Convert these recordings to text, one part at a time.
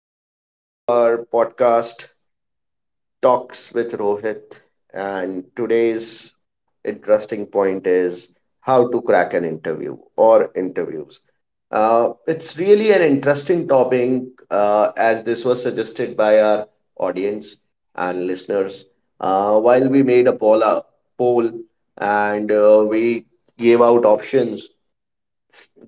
welcome to our podcast, Talks with Rohit. And today's interesting point is how to crack an interview or interviews. It's really an interesting topic as this was suggested by our audience and listeners. While we made a poll, poll and we gave out options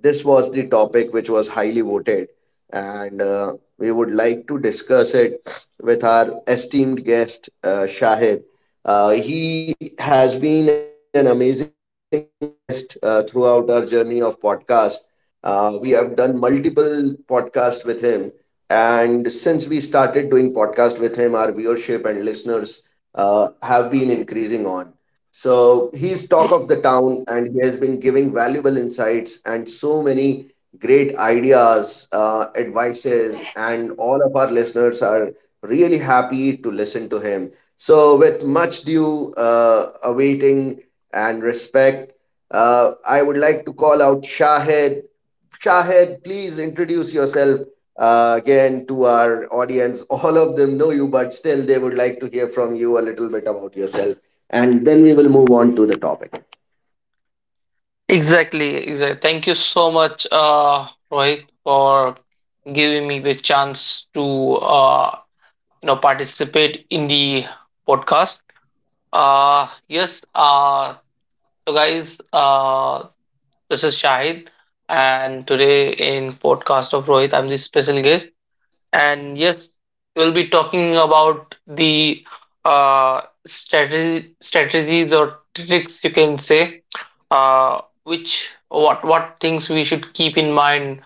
this was the topic which was highly voted, and we would like to discuss it with our esteemed guest, Shahid. He has been an amazing guest throughout our journey of podcast. We have done multiple podcasts with him, and since we started doing podcast with him, our viewership and listeners have been increasing on. So he's talk of the town and he has been giving valuable insights and so many great ideas, advices, and all of our listeners are really happy to listen to him. So, with much due awaiting and respect, I would like to call out Shahid Shahed, please introduce yourself again to our audience. All of them know you, but still, they would like to hear from you a little bit about yourself. And then we will move on to the topic. Exactly. Thank you so much, Rohit, for giving me the chance to participate in the podcast. Uh, yes, uh, so guys, this is Shahid, and today in podcast of Rohit, I'm the special guest. And yes, we'll be talking about the strategies or tricks you can say, which what things we should keep in mind,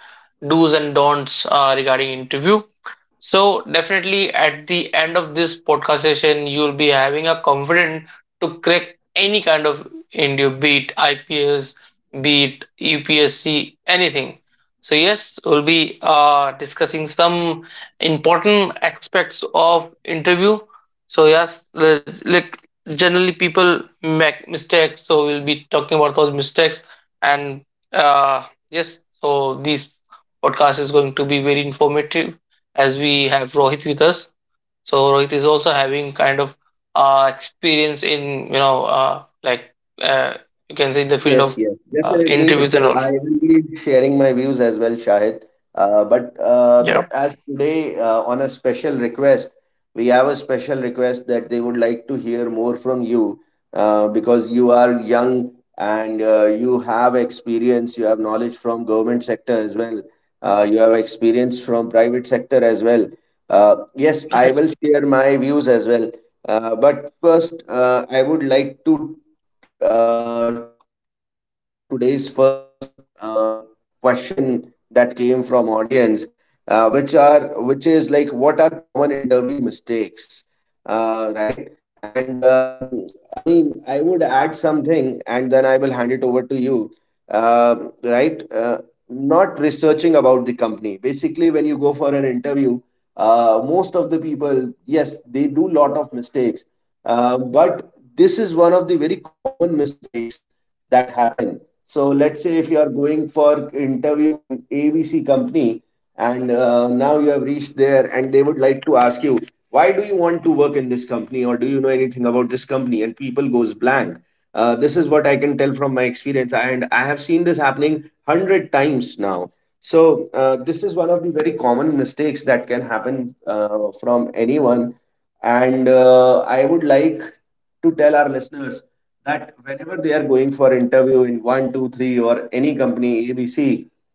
do's and don'ts regarding interview. So definitely at the end of this podcast session, you'll be having a confident to crack any kind of India, be it IPS, be it UPSC, anything. So yes, we'll be discussing some important aspects of interview. So yes, like generally people make mistakes, so we'll be talking about those mistakes. And yes, so this podcast is going to be very informative as we have Rohit with us. So Rohit is also having kind of experience in like uh, you can say in Yes, the yes, field of definitely. interviews I and all. will be sharing my views as well, Shahid. But Yeah, as today, on a special request, we have a special request that they would like to hear more from you because you are young and you have experience, you have knowledge from government sector as well. You have experience from private sector as well. Yes, I right. will share my views as well. But first, I would like to share today's first question that came from audience, which is like what are common interview mistakes, right? And I mean, I would add something, and then I will hand it over to you. Right? Not researching about the company. Basically, when you go for an interview, most of the people, yes, they do lot of mistakes, but this is one of the very common mistakes that happen. So let's say if you are going for interview in ABC company and now you have reached there and they would like to ask you why do you want to work in this company, or do you know anything about this company, and people goes blank. This is what I can tell from my experience, and I have seen this happening 100 times now. So this is one of the very common mistakes that can happen from anyone, and I would like to tell our listeners that whenever they are going for interview in one, two, three, or any company ABC,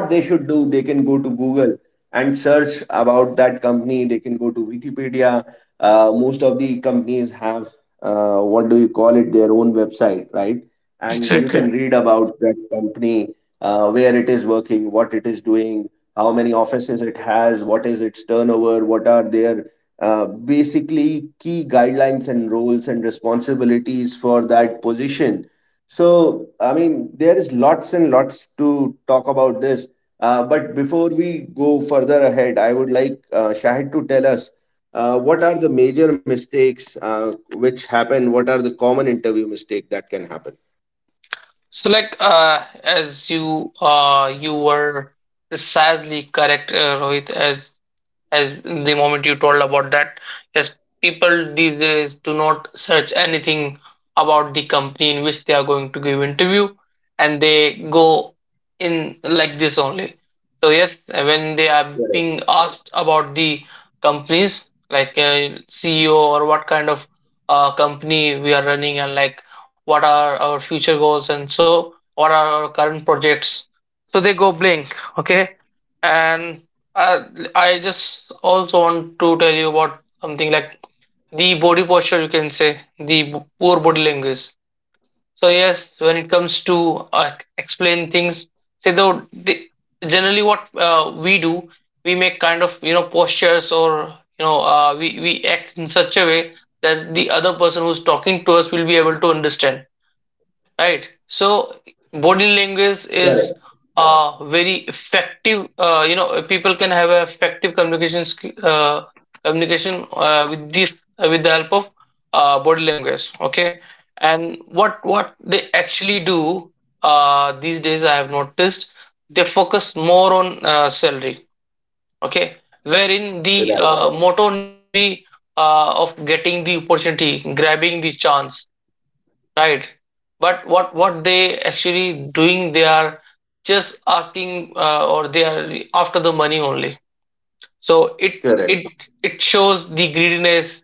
what they should do, they can go to Google and search about that company. They can go to Wikipedia. Most of the companies have, what do you call it, their own website, right? And you Exactly. can read about that company, where it is working, what it is doing, how many offices it has, what is its turnover, what are their uh, basically key guidelines and roles and responsibilities for that position. So, I mean, there is lots and lots to talk about this. But before we go further ahead, I would like Shahid to tell us what are the major mistakes which happen. What are the common interview mistake that can happen? So like as you were precisely correct, Rohit, as the moment you told about that, yes, people these days do not search anything about the company in which they are going to give interview, and they go in like this only. So yes, when they are Correct, being asked about the companies like CEO or what kind of company we are running, and like, what are our future goals, and so what are our current projects, so they go blank. Okay. And uh, I just also want to tell you about something like the body posture, you can say, the poor body language. So yes, when it comes to explain things, say though, generally what we do, we make kind of, postures, or, we act in such a way that the other person who's talking to us will be able to understand. Right. So body language correct, is very effective. People can have a effective communication with this with the help of body language. Okay, and what they actually do these days, I have noticed they focus more on salary. Okay, right, wherein the motto needs to be of getting the opportunity, grabbing the chance. Right. But what they actually doing, they are just asking or they are after the money only. So it correct, it it shows the greediness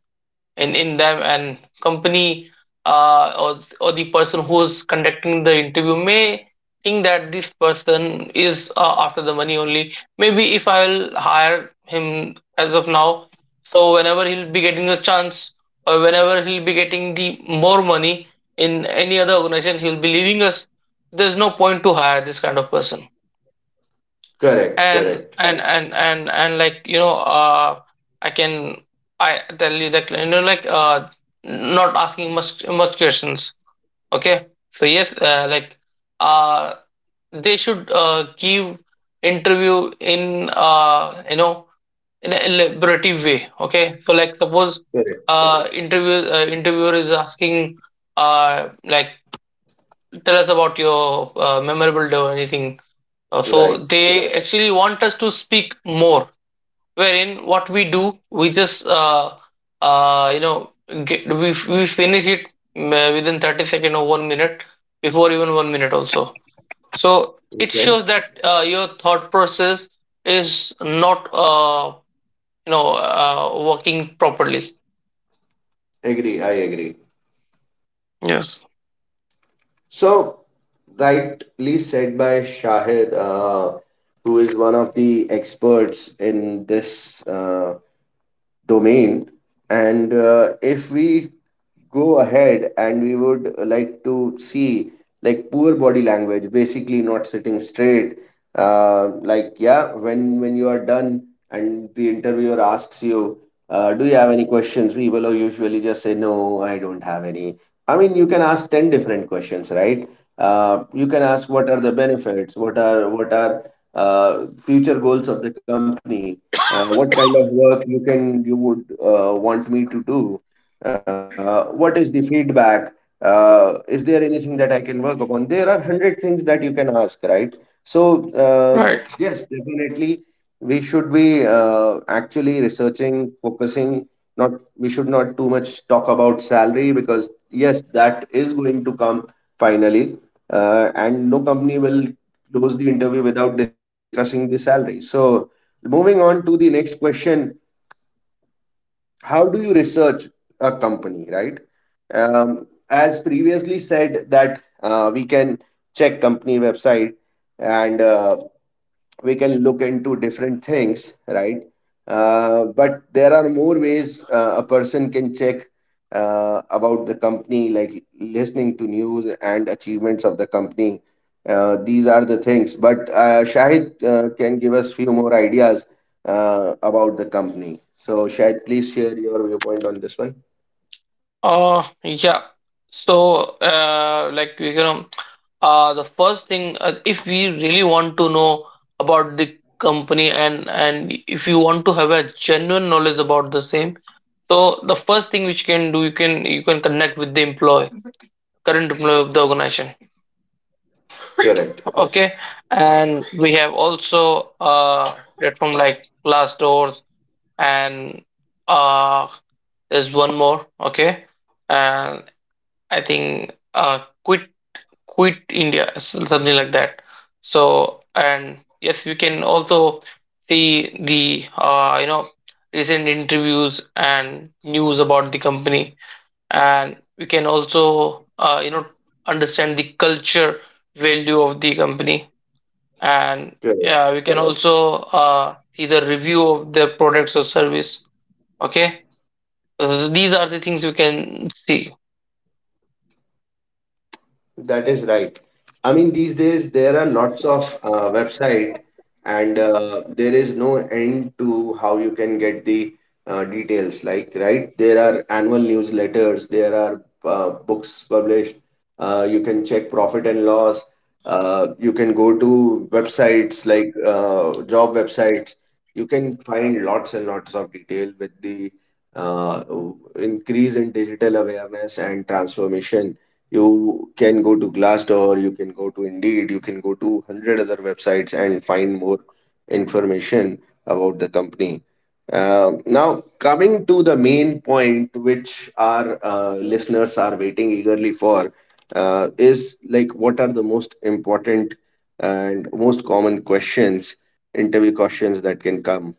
in them, and company uh, or or the person who's conducting the interview may think that this person is after the money only. Maybe if I'll hire him as of now, so whenever he'll be getting a chance, or whenever he'll be getting the more money in any other organization, he'll be leaving us. There's no point to hire this kind of person. correct, correct, And like, i can I tell you that like not asking much questions. Okay. So yes, like uh they should give interview in in a elaborative way. Okay. So like suppose correct, interviewer is asking like, tell us about your memorable day or anything. So right. they actually want us to speak more, wherein what we do, we just you know get, we finish it within 30 second or 1 minute, before even 1 minute also. So it Okay, shows that your thought process is not working properly. agree, I agree. Yes, So, rightly said by Shahid, who is one of the experts in this domain. And if we go ahead, and we would like to see, like, poor body language, basically not sitting straight. Like, yeah, when you are done and the interviewer asks you, do you have any questions, people will usually just say no, I don't have any. I mean, you can ask 10 different questions, right? You can ask, what are the benefits, what are uh, future goals of the company, what kind of work you can, you would want me to do, what is the feedback, is there anything that I can work upon? There are 100 things that you can ask, right? So uh, right. yes, definitely, we should be actually researching, focusing, not, we should not too much talk about salary, because yes, that is going to come finally, and no company will close the interview without discussing the salary. So, moving on to the next question, how do you research a company, right? As previously said that we can check company website, and we can look into different things, right? But there are more ways a person can check about the company, like listening to news and achievements of the company. These are the things, but Shahid can give us few more ideas about the company. So Shahid, please share your viewpoint on this one. Yeah. So, like, the first thing, if we really want to know about the company, and if you want to have a genuine knowledge about the same, so the first thing which you can do, you can connect with the employee, current employee of the organization. Correct. Okay, and we have also platform like Glassdoors, and uh there's one more. Okay. And I think quit India something like that. So, and yes, we can also see the recent interviews and news about the company, and we can also understand the culture value of the company, and Correct. we can also see the review of their products or service. Okay. These are the things we can see. That is right. I mean, these days there are lots of website, and there is no end to how you can get the details. Like, right? There are annual newsletters. There are books published. You can check profit and loss. You can go to websites like job websites. You can find lots and lots of detail with the uh, increase in digital awareness and transformation. You can go to Glassdoor, you can go to Indeed, you can go to 100 other websites and find more information about the company. Now, coming to the main point, which our listeners are waiting eagerly for, is like what are the most important and most common questions, interview questions that can come.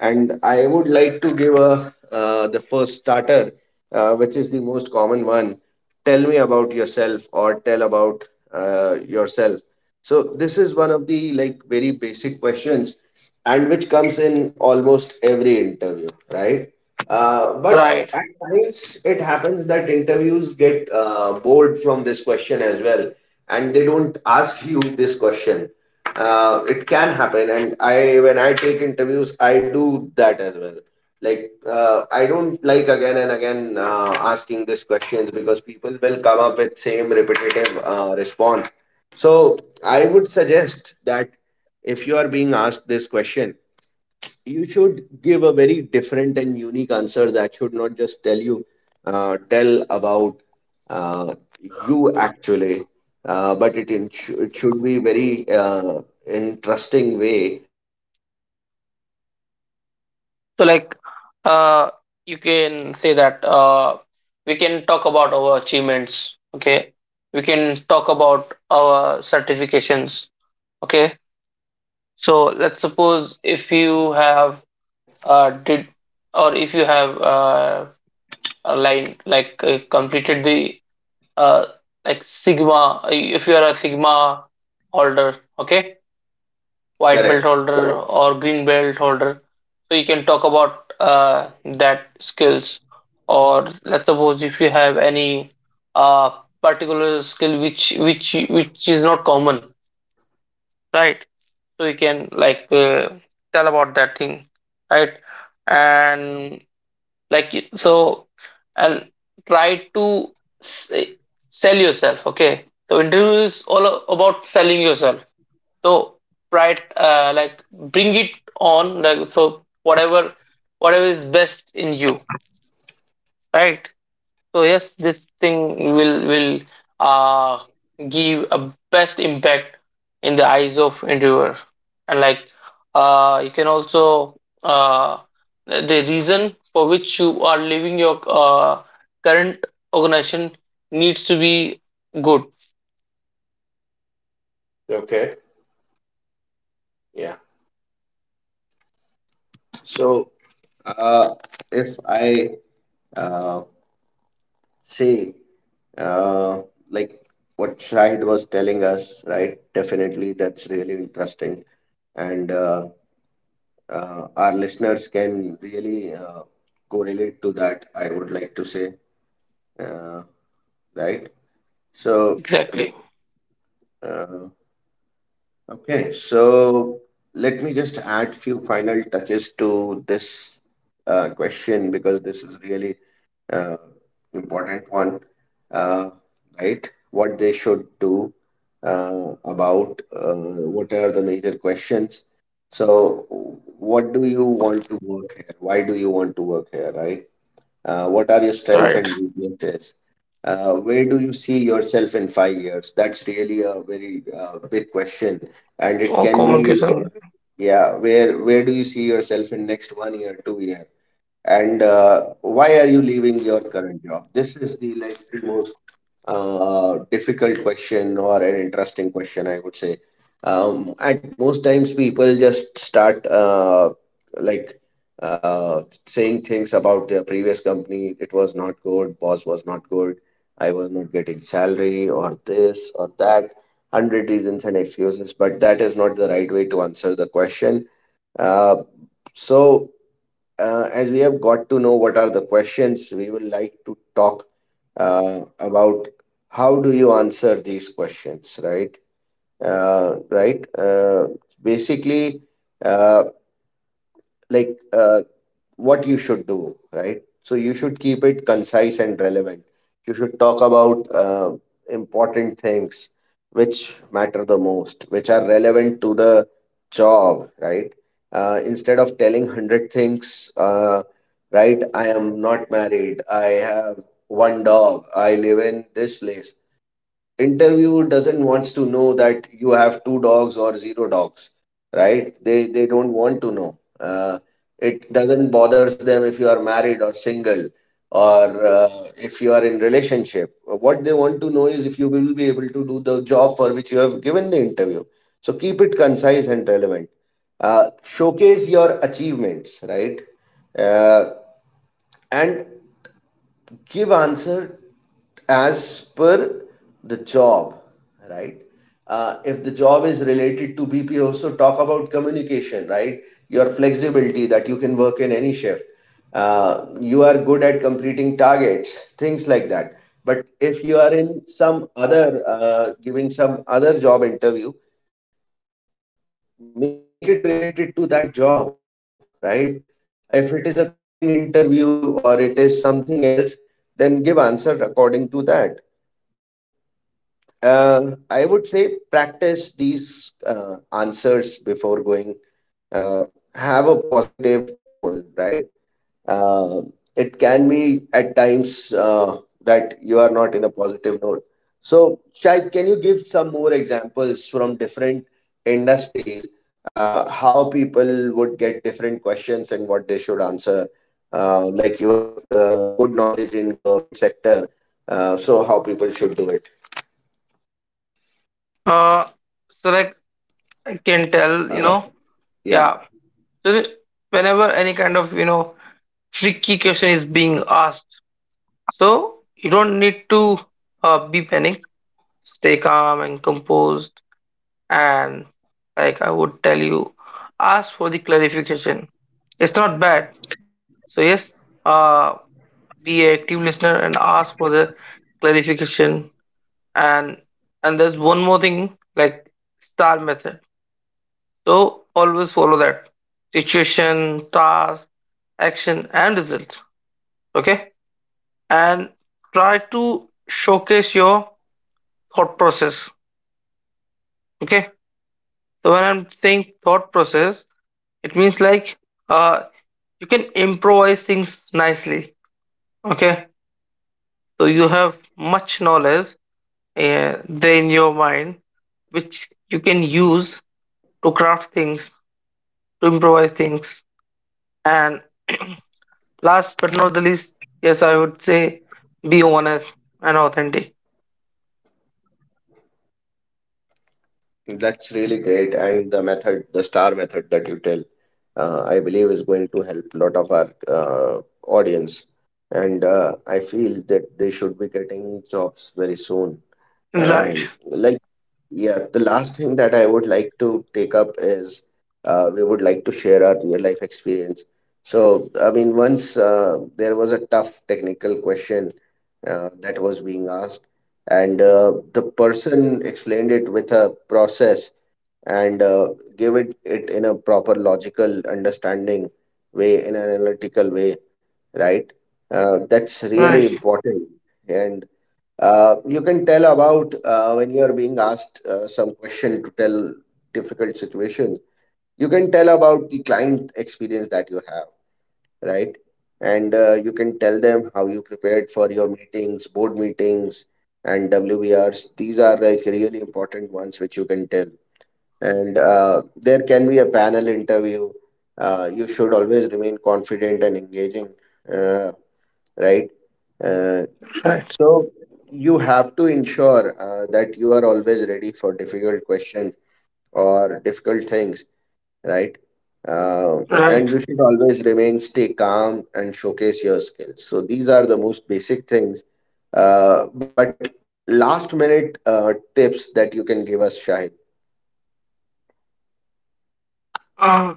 And I would like to give a the first starter, which is the most common one. Tell me about yourself, or tell about yourself. So this is one of the, like, very basic questions, and which comes in almost every interview, right? But Right. at times it happens that interviews get bored from this question as well, and they don't ask you this question. It can happen, and I, when I take interviews, I do that as well. Like, I don't like, again and again, asking these questions, because people will come up with same repetitive response. So I would suggest that if you are being asked this question, you should give a very different and unique answer that should not just tell you, tell about, uh, you actually, but it should be very interesting way to tell about you, right? So that So is like, something that I would uh like to you add. can say And that Shahid, you we can can share talk about your. our achievements, okay? Yes, We yes, can yes. talk about our certifications, okay? So let's suppose, if you have did, or if you have a line like completed the uh like sigma, if you are a sigma holder, okay, white belt Correct. holder or green belt holder. So you can talk about that skills. Or let's suppose if you have any uh, particular skill which is not common, right? So you can like, tell about that thing, right? And like, so, and try to s- sell yourself. Okay, so interview is all about selling yourself. So right, like, bring it on, like, so whatever is best in you, right? So yes, this thing will uh give a best impact in the eyes of interviewer. And like, you can also, uh the reason for which you are leaving your uh, current organization needs to be good. Okay, yeah. So uh, if I uh, See, uh, like what Shahid was telling us, right? Definitely, that's really interesting, and our listeners can really correlate to that. I would like to say, uh, right? So, Exactly. uh, okay, so let me just add few final touches to this question, because this is really uh, important one, uh, right? What they should do about what are the major questions. So, what do you want to work here? Why do you want to work here, right? What are your strengths Right. and weaknesses? Where do you see yourself in 5 years? That's really a very big question, and it Or can be, communication. yeah, where do you see yourself in next one year, 2 year? And why are you leaving your current job? This is the, like, the most difficult question, or an interesting question, I would say. At most times, people just start like saying things about their previous company. It was not good. Boss was not good. I was not getting salary or this or that. 100 reasons and excuses, but that is not the right way to answer the question. Uh, so as we have got to know what are the questions, we would like to talk about how do you answer these questions, right? Right. Basically, uh, like what you should do, right? So you should keep it concise and relevant. You should talk about important things which matter the most, which are relevant to the job, right? Instead of telling 100 things, right? I am not married. I have one dog. I live in this place. Interview doesn't wants to know that you have two dogs or zero dogs, right? They don't want to know, it doesn't bothers them if you are married or single or if you are in relationship. What they want to know is if you will be able to do the job for which you have given the interview. So keep it concise and relevant. Showcase your achievements, right. uh, and give answer as per the job, right. If the job is related to BPO, so talk about communication, right. Your flexibility that you can work in any shift. You are good at completing targets, things like that. But if you are in some other, giving some other job interview, make it related to that job, right. If it is a coding interview or it is something else, then give answer according to that. And I would say practice these answers before going. Uh, have a positive tone, right? Uh, it can be at times that you are not in a positive note. So, Shahid, can you give some more examples from different industries, how people would get different questions and what they should answer? Like you have good knowledge in government sector, so how people should do it? uh so like, I can tell, Uh, yeah. yeah. So whenever any kind of, tricky question is being asked, so you don't need to be panic. Stay calm and composed. And like, I would tell you, ask for the clarification. It's not bad. So yes, uh, be an active listener and ask for the clarification. And and there's one more thing, like star method. So always follow that: situation, task, action, and result. Okay, and try to showcase your thought process. Okay, so when I'm saying thought process, it means like, uh, you can improvise things nicely. Okay, so you have much knowledge there in your mind, which you can use to craft things, to improvise things, and. Last but not the least, yes, I would say be honest and authentic. That's really great. And the method, the star method that you tell, I believe is going to help a lot of our audience. And I feel that they should be getting jobs very soon. Right, Like, yeah, the last thing that I would like to take up is, we would like to share our real life experience. So, I mean, once there was a tough technical question that was being asked, and the person explained it with a process and gave it in a proper logical understanding way, in an analytical way, right? That's really right, important. And you can tell about, when you are being asked some question to tell difficult situation. You can tell about the client experience that you have, right? And you can tell them how you prepared for your meetings, board meetings, and WBRs. These are like really important ones which you can tell. And there can be a panel interview. You should always remain confident and engaging, uh, right? Uh, right, so you have to ensure that you are always ready for difficult questions or difficult things, right? Uh, right. and you should always remain stay calm and showcase your skills. So these are the most basic things. But last minute tips that you can give us, Shahid. Uh,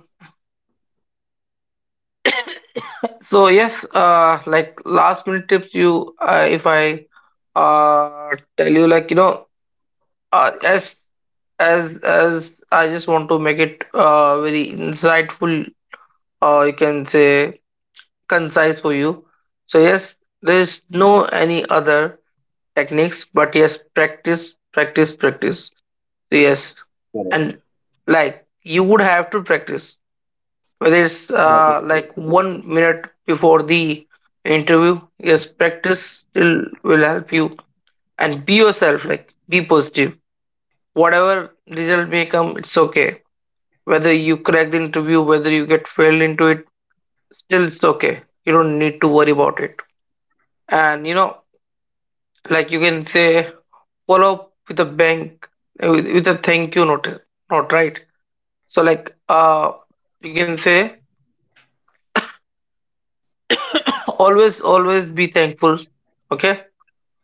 so yes, like, last minute tips. If I uh tell you, like, uh, as as I just want to make it very insightful. You can say concise for you. So yes, there is no any other techniques, but yes, practice, practice, practice. Yes, Correct. and like, you would have to practice whether it's That is true. like 1 minute before the interview. Yes, practice will help you, and be yourself. Like, be positive. Whatever result may come, it's okay. Whether you crack the interview, whether you get failed into it, still it's okay. You don't need to worry about it. And you know, like, you can say follow up with a bank with a thank you note. Not right. So like, you can say, always be thankful, okay?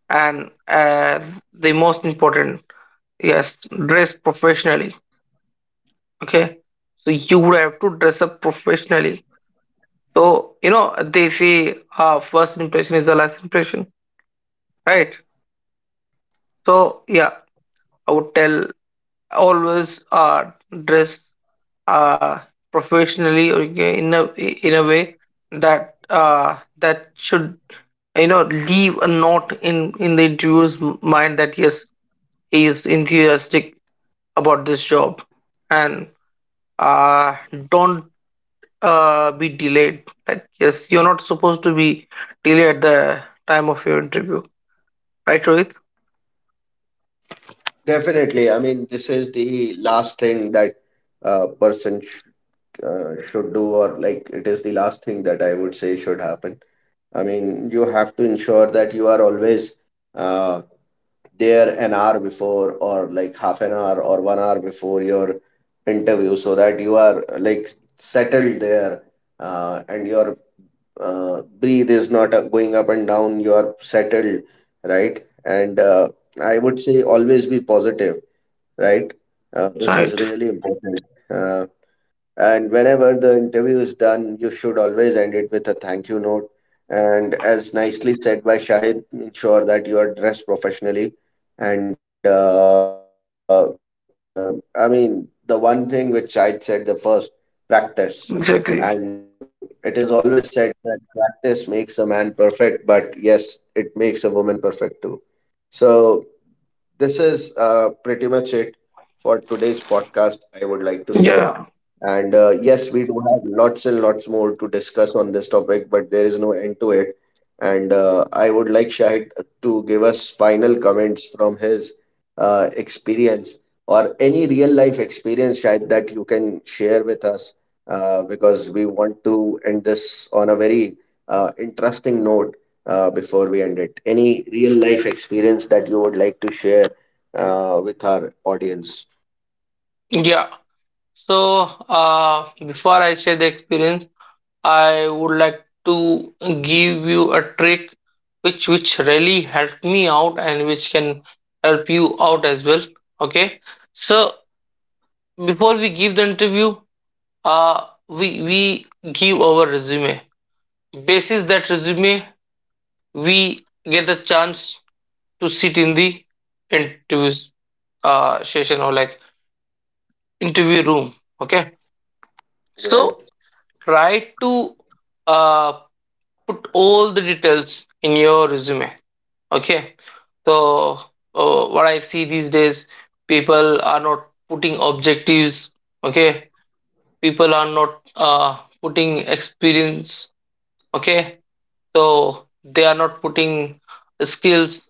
And the most important, yes, dress professionally, okay? So you would have to dress up professionally. So you know they say, first impression is the last impression, right? So yeah, I would tell, always dress uh professionally, or in a way that that should, leave a note in the interviewer's mind, that yes, he is enthusiastic about this job, and uh don't be delayed. Like, yes, you're not supposed to be delayed at the time of your interview, right, Rohit? Definitely. I mean, this is the last thing that, person should do, or like it is the last thing that I would say should happen. I mean, you have to ensure that you are always uh, there an hour before, or like half an hour or 1 hour before your interview, so that you are, like, settled there, and your breathe is not going up and down. You are settled, right? And I would say always be positive, right? This Right. is really important. Uh, and whenever the interview is done, you should always end it with a thank you note. And as nicely said by Shahid, ensure that you are dressed professionally. And I mean, the one thing which Shahid said, the first, practice. Exactly. And it is always said that practice makes a man perfect, but yes, it makes a woman perfect too. So, this is pretty much it for today's podcast, I would like to say. Yeah, And yes, we do have lots and lots more to discuss on this topic, but there is no end to it. And I would like Shahid to give us final comments from his experience, or any real life experience, Shahid, that you can share with us, because we want to end this on a very interesting note before we end it. Any real life experience that you would like to share, with our audience? yeah, yeah. So, before I share the experience, I would like to give you a trick which really helped me out, and which can help you out as well. Okay. So before we give the interview, we give our resume. Basis that resume, we get the chance to sit in the interview session, or like, interview room. Okay. So Right. try to uh put all the details in your resume. Okay. So, what I see these days, people are not putting objectives. Okay. People are not putting experience. Okay. So, they are not putting skills.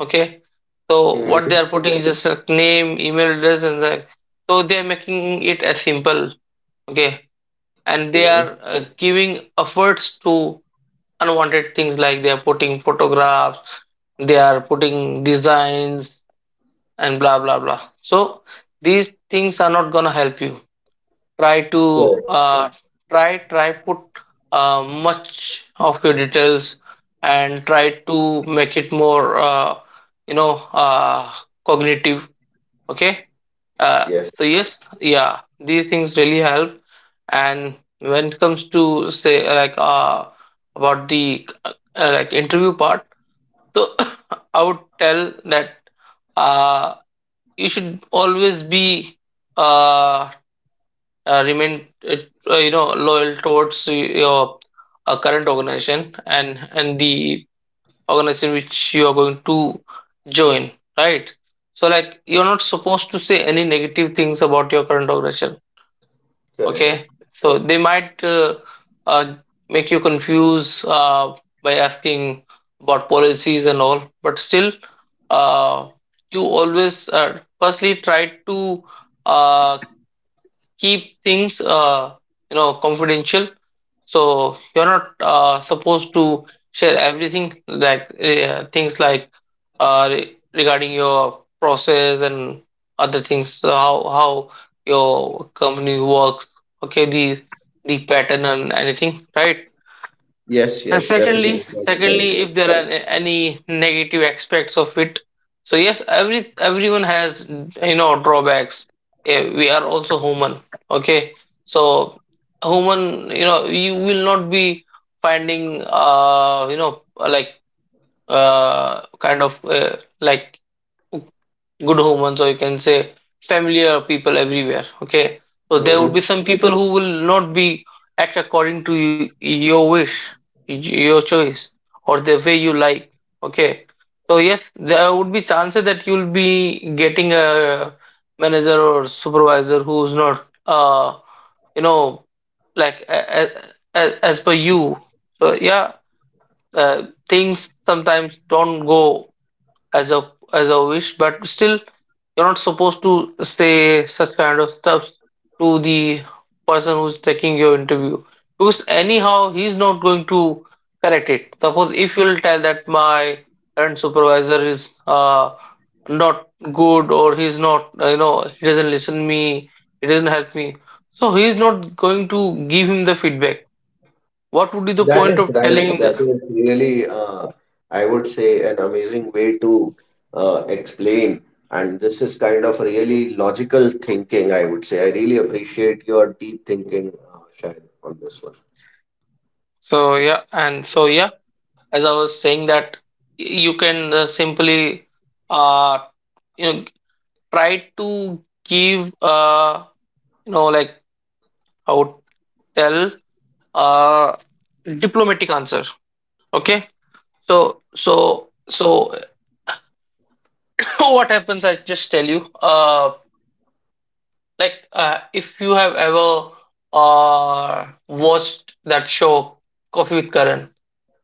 Okay. So, what they are putting is just a name, email address, and that. So, they are making it as simple. Okay. And they are Mhm. giving efforts to unwanted things, like they are putting photographs, they are putting designs and blah blah blah. So these things are not gonna help you. Try to uh, Correct. try put much of your details and try to make it more you know, uh, cognitive. Okay. uh, so Yes, yes, yeah, these things really help. And when it comes to say, like about the like interview part, so I would tell that uh, you should always be uh, remain you know, loyal towards your current organization and the organization which you are going to join, right? So, like, you're not supposed to say any negative things about your current organization. Okay, correct. so they might uh, make you confuse by asking about policies and all, but still, uh, you always firstly try to uh, keep things you know, confidential. So you're not supposed to share everything, like things like regarding your process and other things, so how your company works, okay, the pattern and anything, right? Yes, And yes, definitely. secondly, That's right. If there are any negative aspects of it, so yes, everyone has, you know, drawbacks. We are also human. Okay, so human, you know, you will not be finding you know, like kind of like good humans, or you can say familiar people everywhere. Okay, so there would be Mhm. some people who will not be act according to your wish, y- your choice, or the way you like. Okay, so yes, there would be chances that you'll be getting a manager or supervisor who's not you know, like as per you. So yeah, things sometimes don't go as a wish, but still you're not supposed to say such kind of stuff to the person who's taking your interview, because anyhow he's not going to correct it. Suppose if you'll tell that my current supervisor is not good, or he's not you know, he doesn't listen me, he doesn't help me, so he's not going to give him the feedback. What would be the That is point of right. telling? That the- is really, I would say, an amazing way to explain. And this is kind of really logical thinking, I would say. I really appreciate your deep thinking, Shahid, on this one. So yeah, and so yeah, as I was saying, that you can simply uh, you know, try to give you know, like, I would tell uh, diplomatic answer. Okay, so so what happens? I just tell you. Like if you have ever watched that show Coffee with Karan,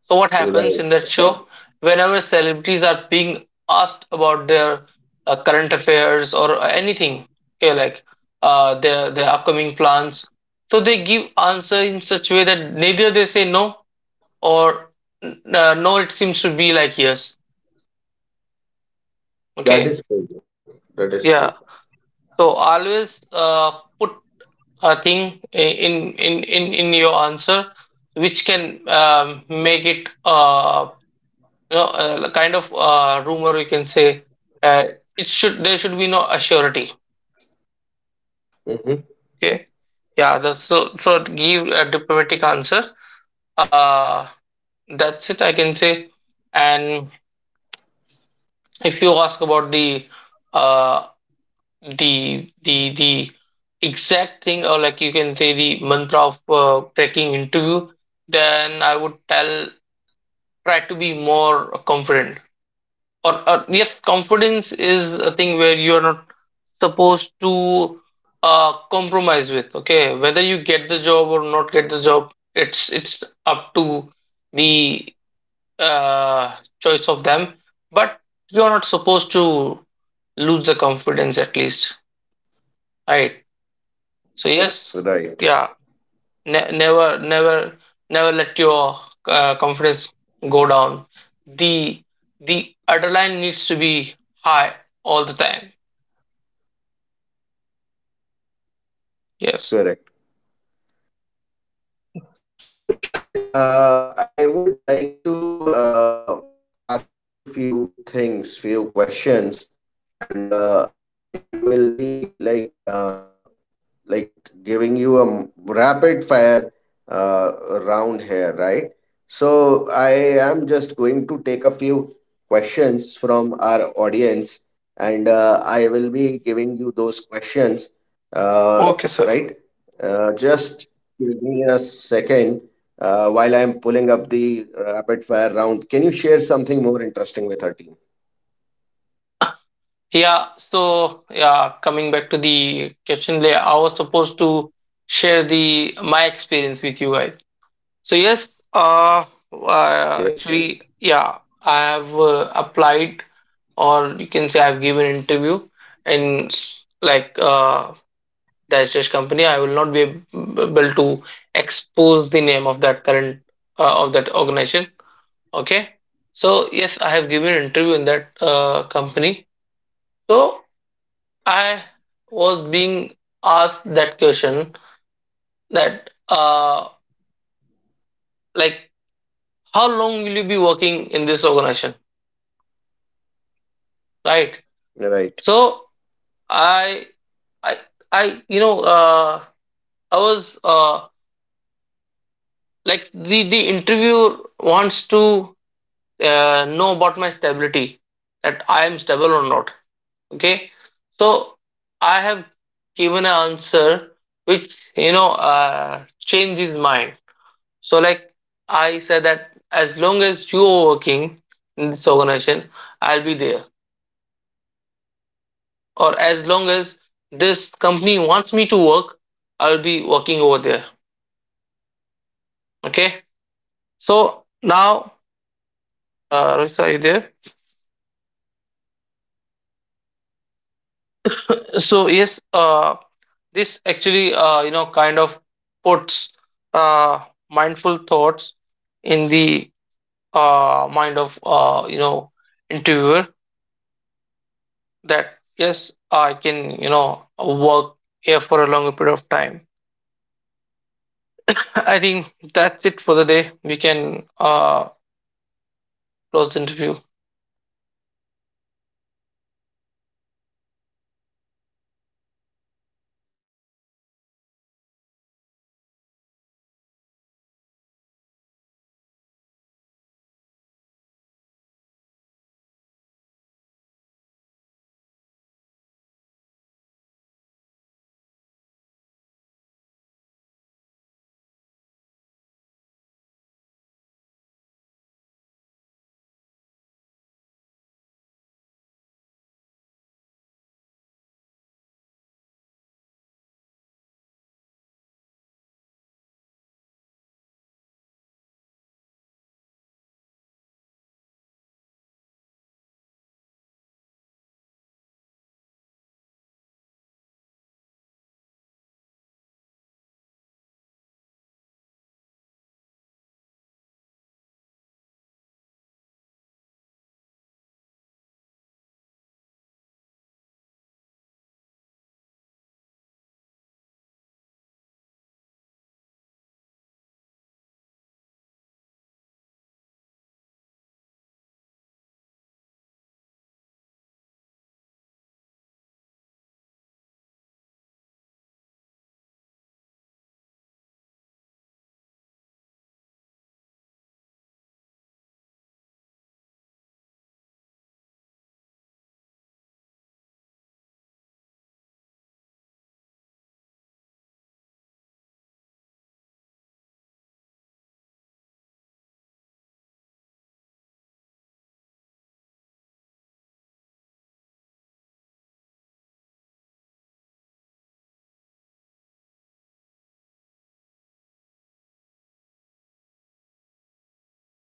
so what happens in Right. that show? Whenever celebrities are being asked about their current affairs or anything, okay, like their upcoming plans, so they give answer in such way that neither they say no, or no. It seems to be like yes. That Okay, is true. That is true. yeah. So always put a thing in in your answer which can make it you know, kind of rumor, you can say. uh, it should, there should be no surety. Hmm. Okay, yeah. That's, so so to give a diplomatic answer. Uh, that's it, I can say. And if you ask about the uh, the exact thing, or like you can say the mantra of tracking interview, then I would tell, try to be more confident. Or yes, confidence is a thing where you are not supposed to compromise with. Okay, whether you get the job or not get the job, it's up to the choice of them. But you're not supposed to lose the confidence, at least, right? Right. So yes, yeah, never never let your confidence go down. The the adrenaline needs to be high all the time. Correct. Yes. So, Shahid, I would like to ask you few things, few questions, and I will be like giving you a rapid fire uh, round here, right? So I am just going to take a few questions from our audience, and I will be giving you those questions, uh, right? Just Okay, sir. give me a second. While I am pulling up the rapid fire round, can you share something more interesting with our team? Yeah, so yeah, coming back to the question layer, I was supposed to share the my experience with you guys. So yes, Yes, uh, actually, yeah, I have applied, or you can say I've given interview in like dash dash company. I will not be able to expose the name of that current of that organization. Okay, so yes, I have given interview in that company. So I was being asked that question, that like, how long will you be working in this organization, right. right? So I I I you know, I was like, the interviewer wants to know about my stability, that I am stable or not. Yes, right, Okay, so I have given an answer which, you know, changed his mind. So, like, I said that as long as you are working in this organization, right. I'll be there. That is so true. Or as long as this company wants me to work, I'll be working over there. Okay. So now, Okay. Rohit, are you there? So yes, this actually, you know, kind of puts uh, mindful thoughts in the mind of you know, interviewer, Okay. So, that yes, I guys, we can, will you know, start with the work here for a rapid longer fire period of time. question here, and we are I ready think with the rapid that's it fire for the day. We questions. can Shahid, can you hear us? close the interview. I think there is some issue with the uh, connection here, and just let me get back, uh, to the. Let me confirm with our s- esteemed guest if he will be able to. uh, okay, yeah, let me just check. Okay, yeah, I think our guest is not able to listen to us. So what what we will do, we will do the rapid fire round in the next episode. uh, and we would like to end, uh, right. uh, I would just like to conclude with final points, uh, which is basically, what do you call it? The conclusion. And the conclusion of today's podcast is that we should always uh, be be ready for multiple things during the interview. We should always come on time. We should be prepared. We should be calm. We should reach before time. And we should not worry if we will get selected or not. These are one of the most basic things I would like to say. And we would like to end the podcast today with proper information, right. That's all for today. Thanks for joining, guys. We will see you soon again. Take care, bye.